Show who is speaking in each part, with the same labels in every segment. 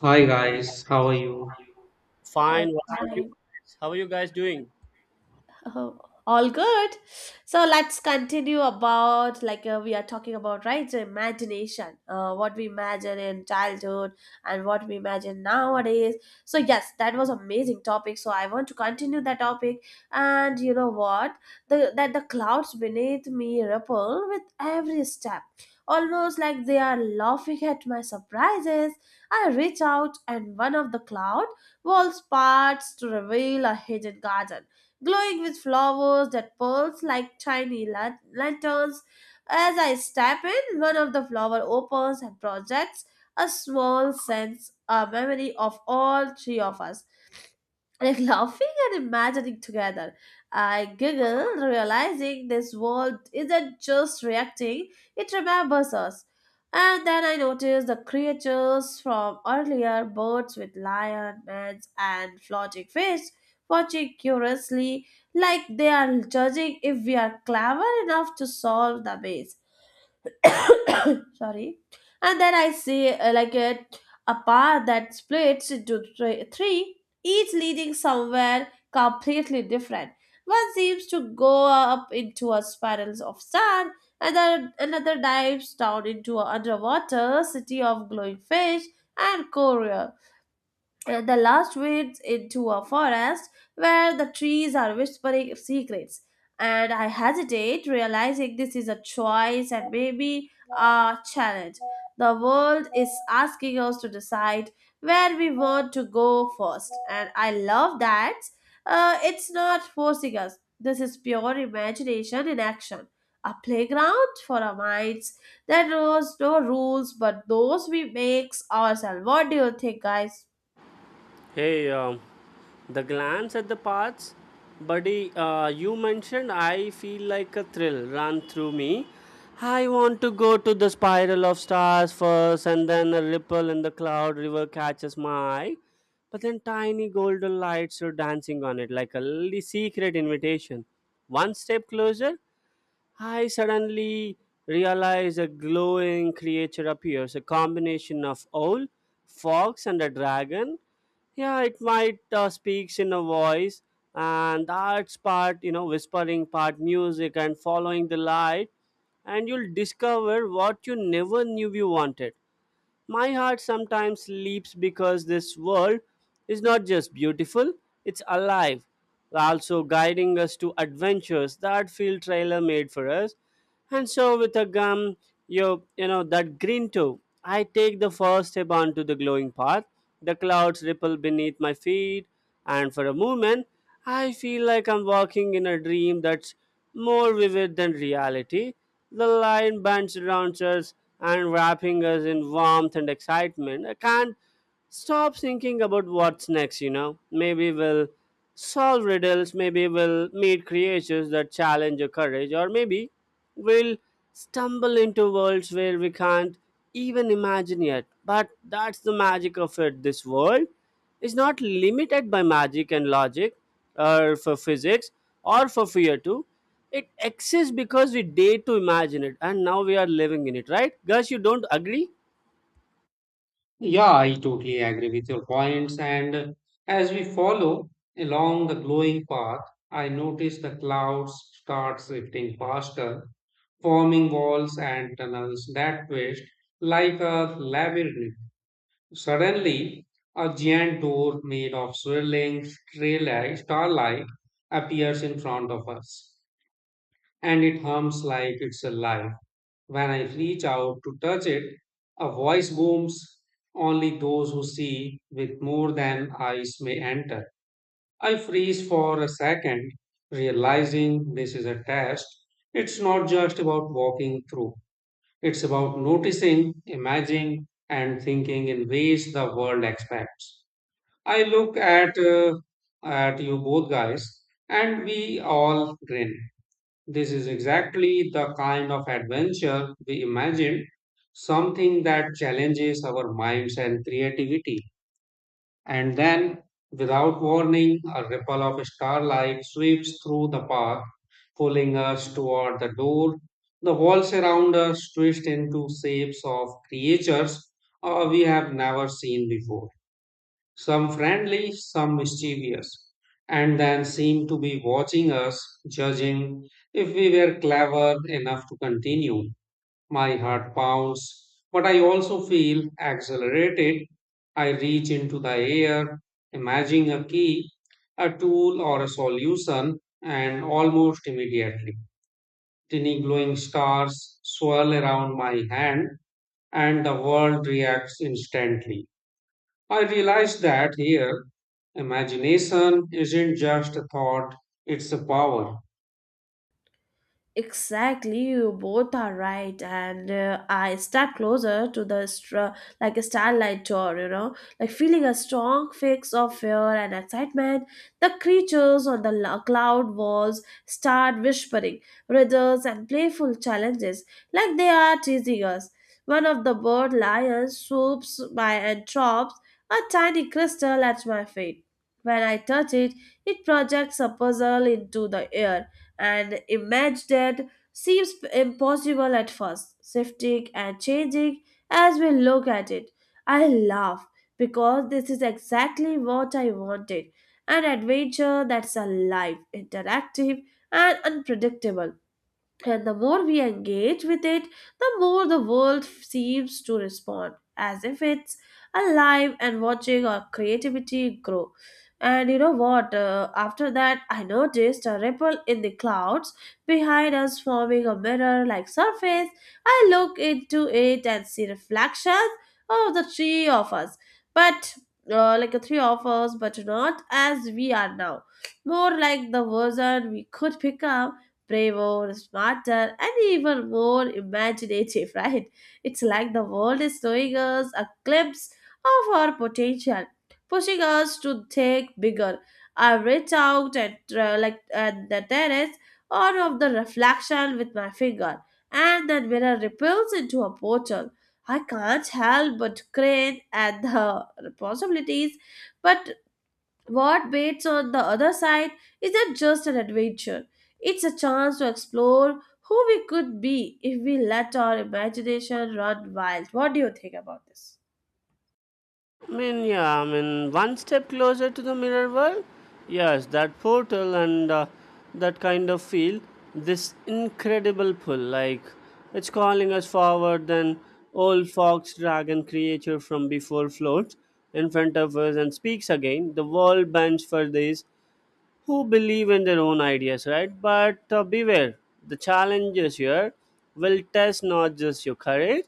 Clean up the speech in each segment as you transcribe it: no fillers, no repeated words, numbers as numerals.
Speaker 1: Hi guys, how are you?
Speaker 2: I'm
Speaker 3: Fine. What about you
Speaker 2: fine.
Speaker 3: guys? How are you guys doing?
Speaker 2: Oh, all good. So let's continue about we are talking about, right? So imagination, what we imagine in childhood and what we imagine nowadays. So yes, that was amazing topic. So I want to continue that topic, and you know what? The clouds beneath me ripple with every step, almost like they are laughing at my surprises. I reach out, and one of the cloud walls parts to reveal a hidden garden glowing with flowers that pulse like tiny lanterns. As I step in, one of the flower opens and projects a small sense, a memory of all three of us, like laughing and imagining together. I giggle, realizing this world isn't just reacting, it remembers us. And then I notice the creatures from earlier, birds with lion, men, and floating fish watching curiously, like they are judging if we are clever enough to solve the maze. Sorry, and then I see a path that splits into three, each leading somewhere completely different. One seems to go up into a spiral of sand, and then another dives down into an underwater city of glowing fish and coral. The last leads into a forest where the trees are whispering secrets. And I hesitate, realizing this is a choice and maybe a challenge. The world is asking us to decide where we want to go first. And I love that it's not forcing us. This is pure imagination in action. A playground for our minds. There was no rules but those we makes ourselves. What do you think, guys?
Speaker 3: Hey, the glance at the paths, buddy, you mentioned I feel like a thrill run through me. I want to go to the spiral of stars first, and then a ripple in the cloud river catches my eye. But then tiny golden lights are dancing on it like a little secret invitation. One step closer, I suddenly realize a glowing creature appears, a combination of owl, fox, and a dragon. Yeah, it might speaks in a voice, and that's part, whispering, part music, and following the light, and you'll discover what you never knew you wanted. My heart sometimes leaps because this world is not just beautiful, it's alive, also guiding us to adventures that feel trailer made for us and so with a gum, you know that green too. I take the first step onto the glowing path. The clouds ripple beneath my feet, and for a moment, I feel like I'm walking in a dream that's more vivid than reality. The line bands around us and wrapping us in warmth and excitement. I can't stop thinking about what's next. Maybe we'll solve riddles, maybe we'll meet creatures that challenge your courage, or maybe we'll stumble into worlds where we can't even imagine yet, but that's the magic of it. This world is not limited by magic and logic or for physics or for fear too. It exists because we dare to imagine it, and now we are living in it, right guys? You don't agree?
Speaker 1: Yeah, I totally agree with your points. And as we follow along the glowing path, I notice the clouds start shifting faster, forming walls and tunnels that twist like a labyrinth. Suddenly, a giant door made of swirling starlight appears in front of us, and it hums like it's alive. When I reach out to touch it, a voice booms, only those who see with more than eyes may enter. I freeze for a second, realizing this is a test. It's not just about walking through, it's about noticing, imagining, and thinking in ways the world expects. I look at, uh, at you both guys, and we all grin. This is exactly the kind of adventure we imagined, something that challenges our minds and creativity. And then, without warning, a ripple of starlight sweeps through the park, pulling us toward the door. The walls around us twist into shapes of creatures we have never seen before, some friendly, some mischievous, and then seemed to be watching us, judging if we were clever enough to continue. My heart pounds, but I also feel accelerated. I reach into the air, imagining a key, a tool, or a solution, and almost immediately, tiny glowing stars swirl around my hand, and the world reacts instantly. I realized that here, imagination isn't just a thought, it's a power.
Speaker 2: Exactly, you both are right, and I step closer to the like a starlight door, you know, like feeling a strong fix of fear and excitement. The creatures on the cloud walls start whispering riddles and playful challenges, like they are teasing us. One of the bird lions swoops by and drops a tiny crystal at my feet. When I touch it, it projects a puzzle into the air, and image that seems impossible at first, shifting and changing as we look at it. I laugh because this is exactly what I wanted, an adventure that's alive, interactive, and unpredictable, and the more we engage with it, the more the world seems to respond, as if it's alive and watching our creativity grow. And you know what? After that, I noticed a ripple in the clouds behind us forming a mirror like surface. I look into it and see reflections of the three of us, but like the three of us, but not as we are now, more like the version we could become, braver, smarter, and even more imaginative, right? It's like the world is showing us a glimpse of our potential, pushing us to think bigger. I reach out and like at the terrace or of the reflection with my finger, and that mirror ripples into a portal. I can't help but grin at the possibilities, but what waits on the other side isn't just an adventure, it's a chance to explore who we could be if we let our imagination run wild. What do you think about this?
Speaker 3: I mean, yeah, I mean, one step closer to the mirror world. Yes, that portal and that kind of feel, this incredible pull, like it's calling us forward. Then old fox dragon creature from before floats in front of us and speaks again. The world bends for this who believe in their own ideas, right? But beware, the challenges here will test not just your courage,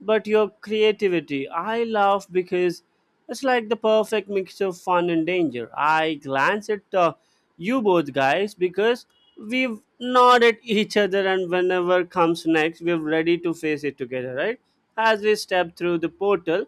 Speaker 3: but your creativity. I laugh because it's like the perfect mix of fun and danger. I glance at you both guys because we've nod at each other, and whenever comes next, we're ready to face it together, right? As we step through the portal,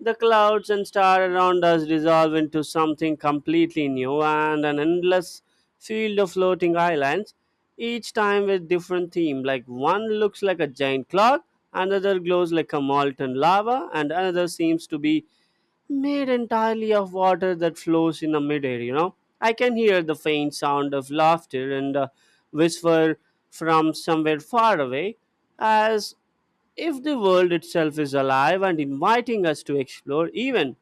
Speaker 3: the clouds and stars around us dissolve into something completely new and an endless field of floating islands, each time with different theme. Like one looks like a giant cloud, another glows like a molten lava, and another seems to be made entirely of water that flows in a midair, you know. I can hear the faint sound of laughter and a whisper from somewhere far away, as if the world itself is alive and inviting us to explore even.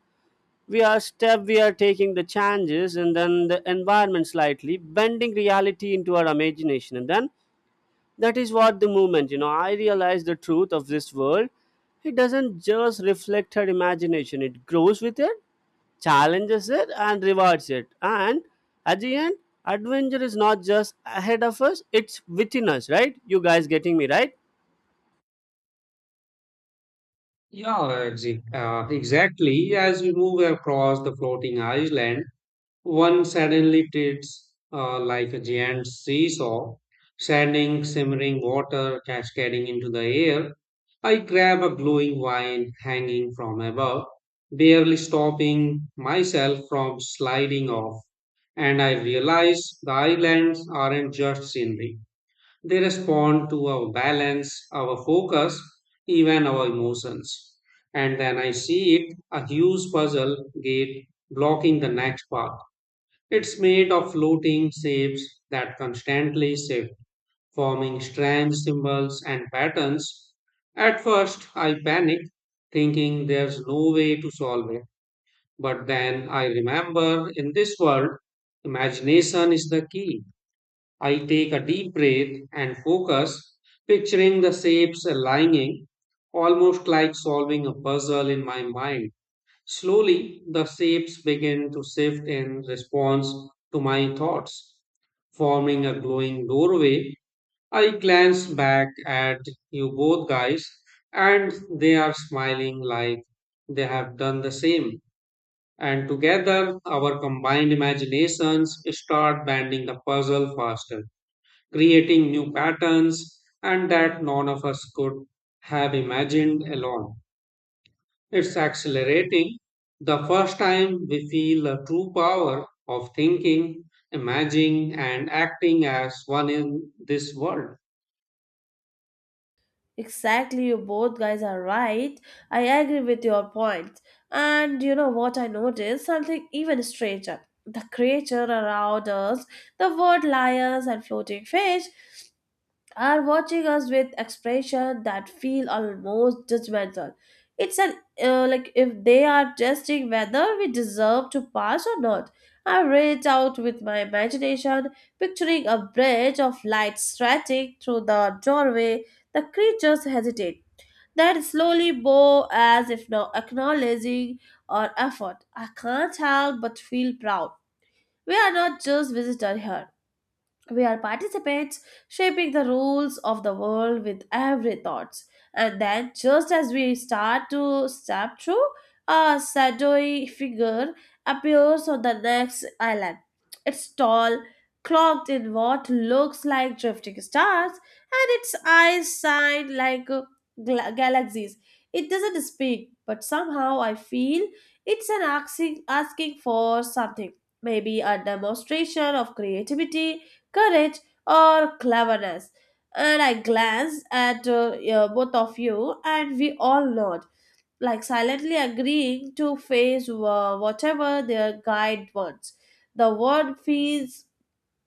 Speaker 3: We are taking the changes and then the environment slightly, bending reality into our imagination, and then that is what the moment, you know, I realize the truth of this world. It doesn't just reflect her imagination, it grows with it, challenges it, and rewards it. And at the end, adventure is not just ahead of us, it's within us, right? You guys getting me, right?
Speaker 1: Yeah, ex- exactly. As we move across the floating island, one suddenly tilts like a giant seesaw, sending simmering water cascading into the air. I grab a glowing vine hanging from above, barely stopping myself from sliding off. And I realize the islands aren't just scenery, they respond to our balance, our focus, even our emotions. And then I see it, a huge puzzle gate blocking the next path. It's made of floating shapes that constantly shift, forming strange symbols and patterns. At first, I panicked, thinking there's no way to solve it. But then I remember in this world, imagination is the key. I take a deep breath and focus, picturing the shapes aligning, almost like solving a puzzle in my mind. Slowly, the shapes began to shift in response to my thoughts, forming a glowing doorway. I glance back at you both guys, and they are smiling like they have done the same. And together, our combined imaginations start banding the puzzle faster, creating new patterns, and that none of us could have imagined alone. It's accelerating. The first time we feel the true power of thinking, imagining, and acting as one in this world.
Speaker 2: Exactly, you both guys are right. I agree with your point. And you know what I noticed? Something even stranger. The creature around us, the word lions and floating fish, are watching us with expression that feel almost judgmental. It's an Like if they are testing whether we deserve to pass or not. I reach out with my imagination, picturing a bridge of light stretching through the doorway. The creatures hesitate, then slowly bow as if not acknowledging our effort. I can't help but feel proud. We are not just visitors here, we are participants shaping the rules of the world with every thoughts. And then, just as we start to step through, a shadowy figure appears on the next island. It's tall, cloaked in what looks like drifting stars, and its eyes shine like galaxies. It doesn't speak, but somehow I feel it's an asking, asking for something. Maybe a demonstration of creativity, courage, or cleverness. And I glanced at yeah, both of you, and we all nod, like silently agreeing to face whatever their guide wants. The word feels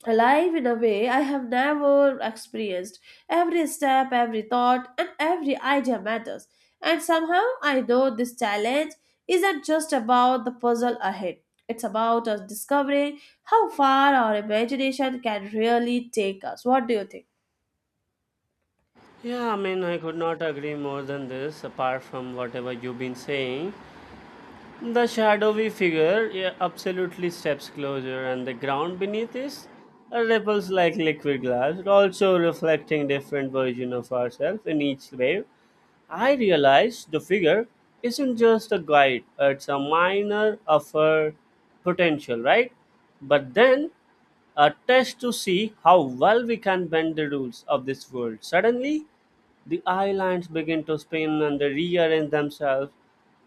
Speaker 2: alive in a way I have never experienced. Every step, every thought, and every idea matters. And somehow I know this challenge isn't just about the puzzle ahead, it's about us discovering how far our imagination can really take us. What do you think?
Speaker 3: Yeah, I mean, I could not agree more than this, apart from whatever you've been saying. The shadowy figure, yeah, absolutely steps closer, and the ground beneath is ripples like liquid glass, also reflecting different version of ourselves in each wave. I realize the figure isn't just a guide; it's a miner of her potential, right? But then a test to see how well we can bend the rules of this world. Suddenly, the islands begin to spin and they rearrange themselves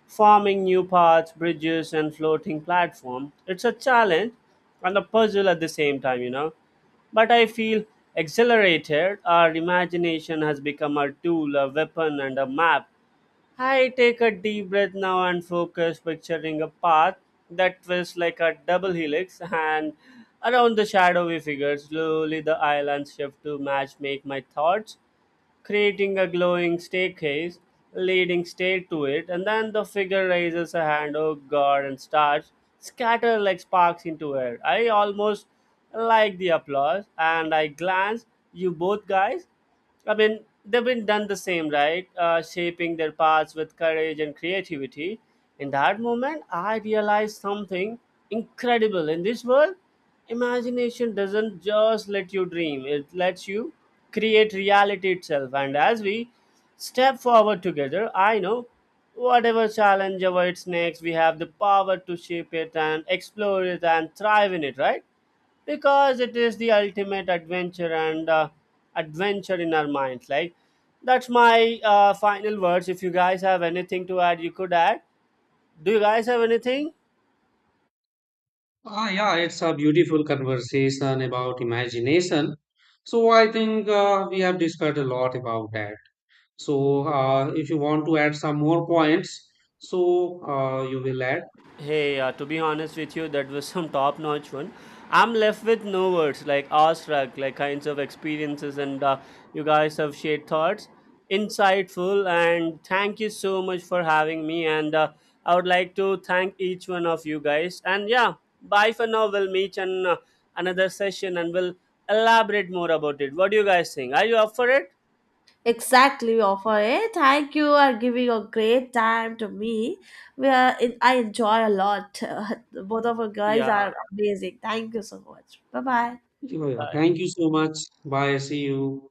Speaker 3: forming new paths, bridges, and floating platform. It's a challenge and a puzzle at the same time, you know. But I feel exhilarated. Our imagination has become a tool, a weapon, and a map. I take a deep breath now and focus, picturing a path that twists like a double helix, and around the shadowy figure, slowly the islands shift to match make my thoughts, creating a glowing staircase leading straight to it, and then the figure raises a hand, oh god, and starts scatter like sparks into air. I almost like the applause, and I glance you both guys. I mean, they've been done the same, right? Shaping their paths with courage and creativity. In that moment, I realized something incredible. In this world, imagination doesn't just let you dream, it lets you create reality itself. And as we step forward together, I know whatever challenge awaits next, we have the power to shape it and explore it and thrive in it, right? Because it is the ultimate adventure and adventure in our minds, like that's my final words. If you guys have anything to add, you could add. Do you guys have anything?
Speaker 1: Ah, yeah, it's a beautiful conversation about imagination. So I think we have discussed a lot about that. So if you want to add some more points, so you will add.
Speaker 3: Hey, to be honest with you, that was some top-notch one. I'm left with no words, like awestruck, like kinds of experiences, and you guys have shared thoughts, insightful, and thank you so much for having me. And I would like to thank each one of you guys. And yeah, bye for now. We'll meet in another session, and we'll elaborate more about it. What do you guys think? Are you up for it?
Speaker 2: Exactly, offer it. Thank you are giving a great time to me. Where it- I enjoy a lot. Both of you guys are
Speaker 3: Yeah.
Speaker 2: amazing. Thank you so much. Bye bye.
Speaker 1: Yeah, yeah.
Speaker 3: Bye.
Speaker 1: Thank you so much. Bye. See you.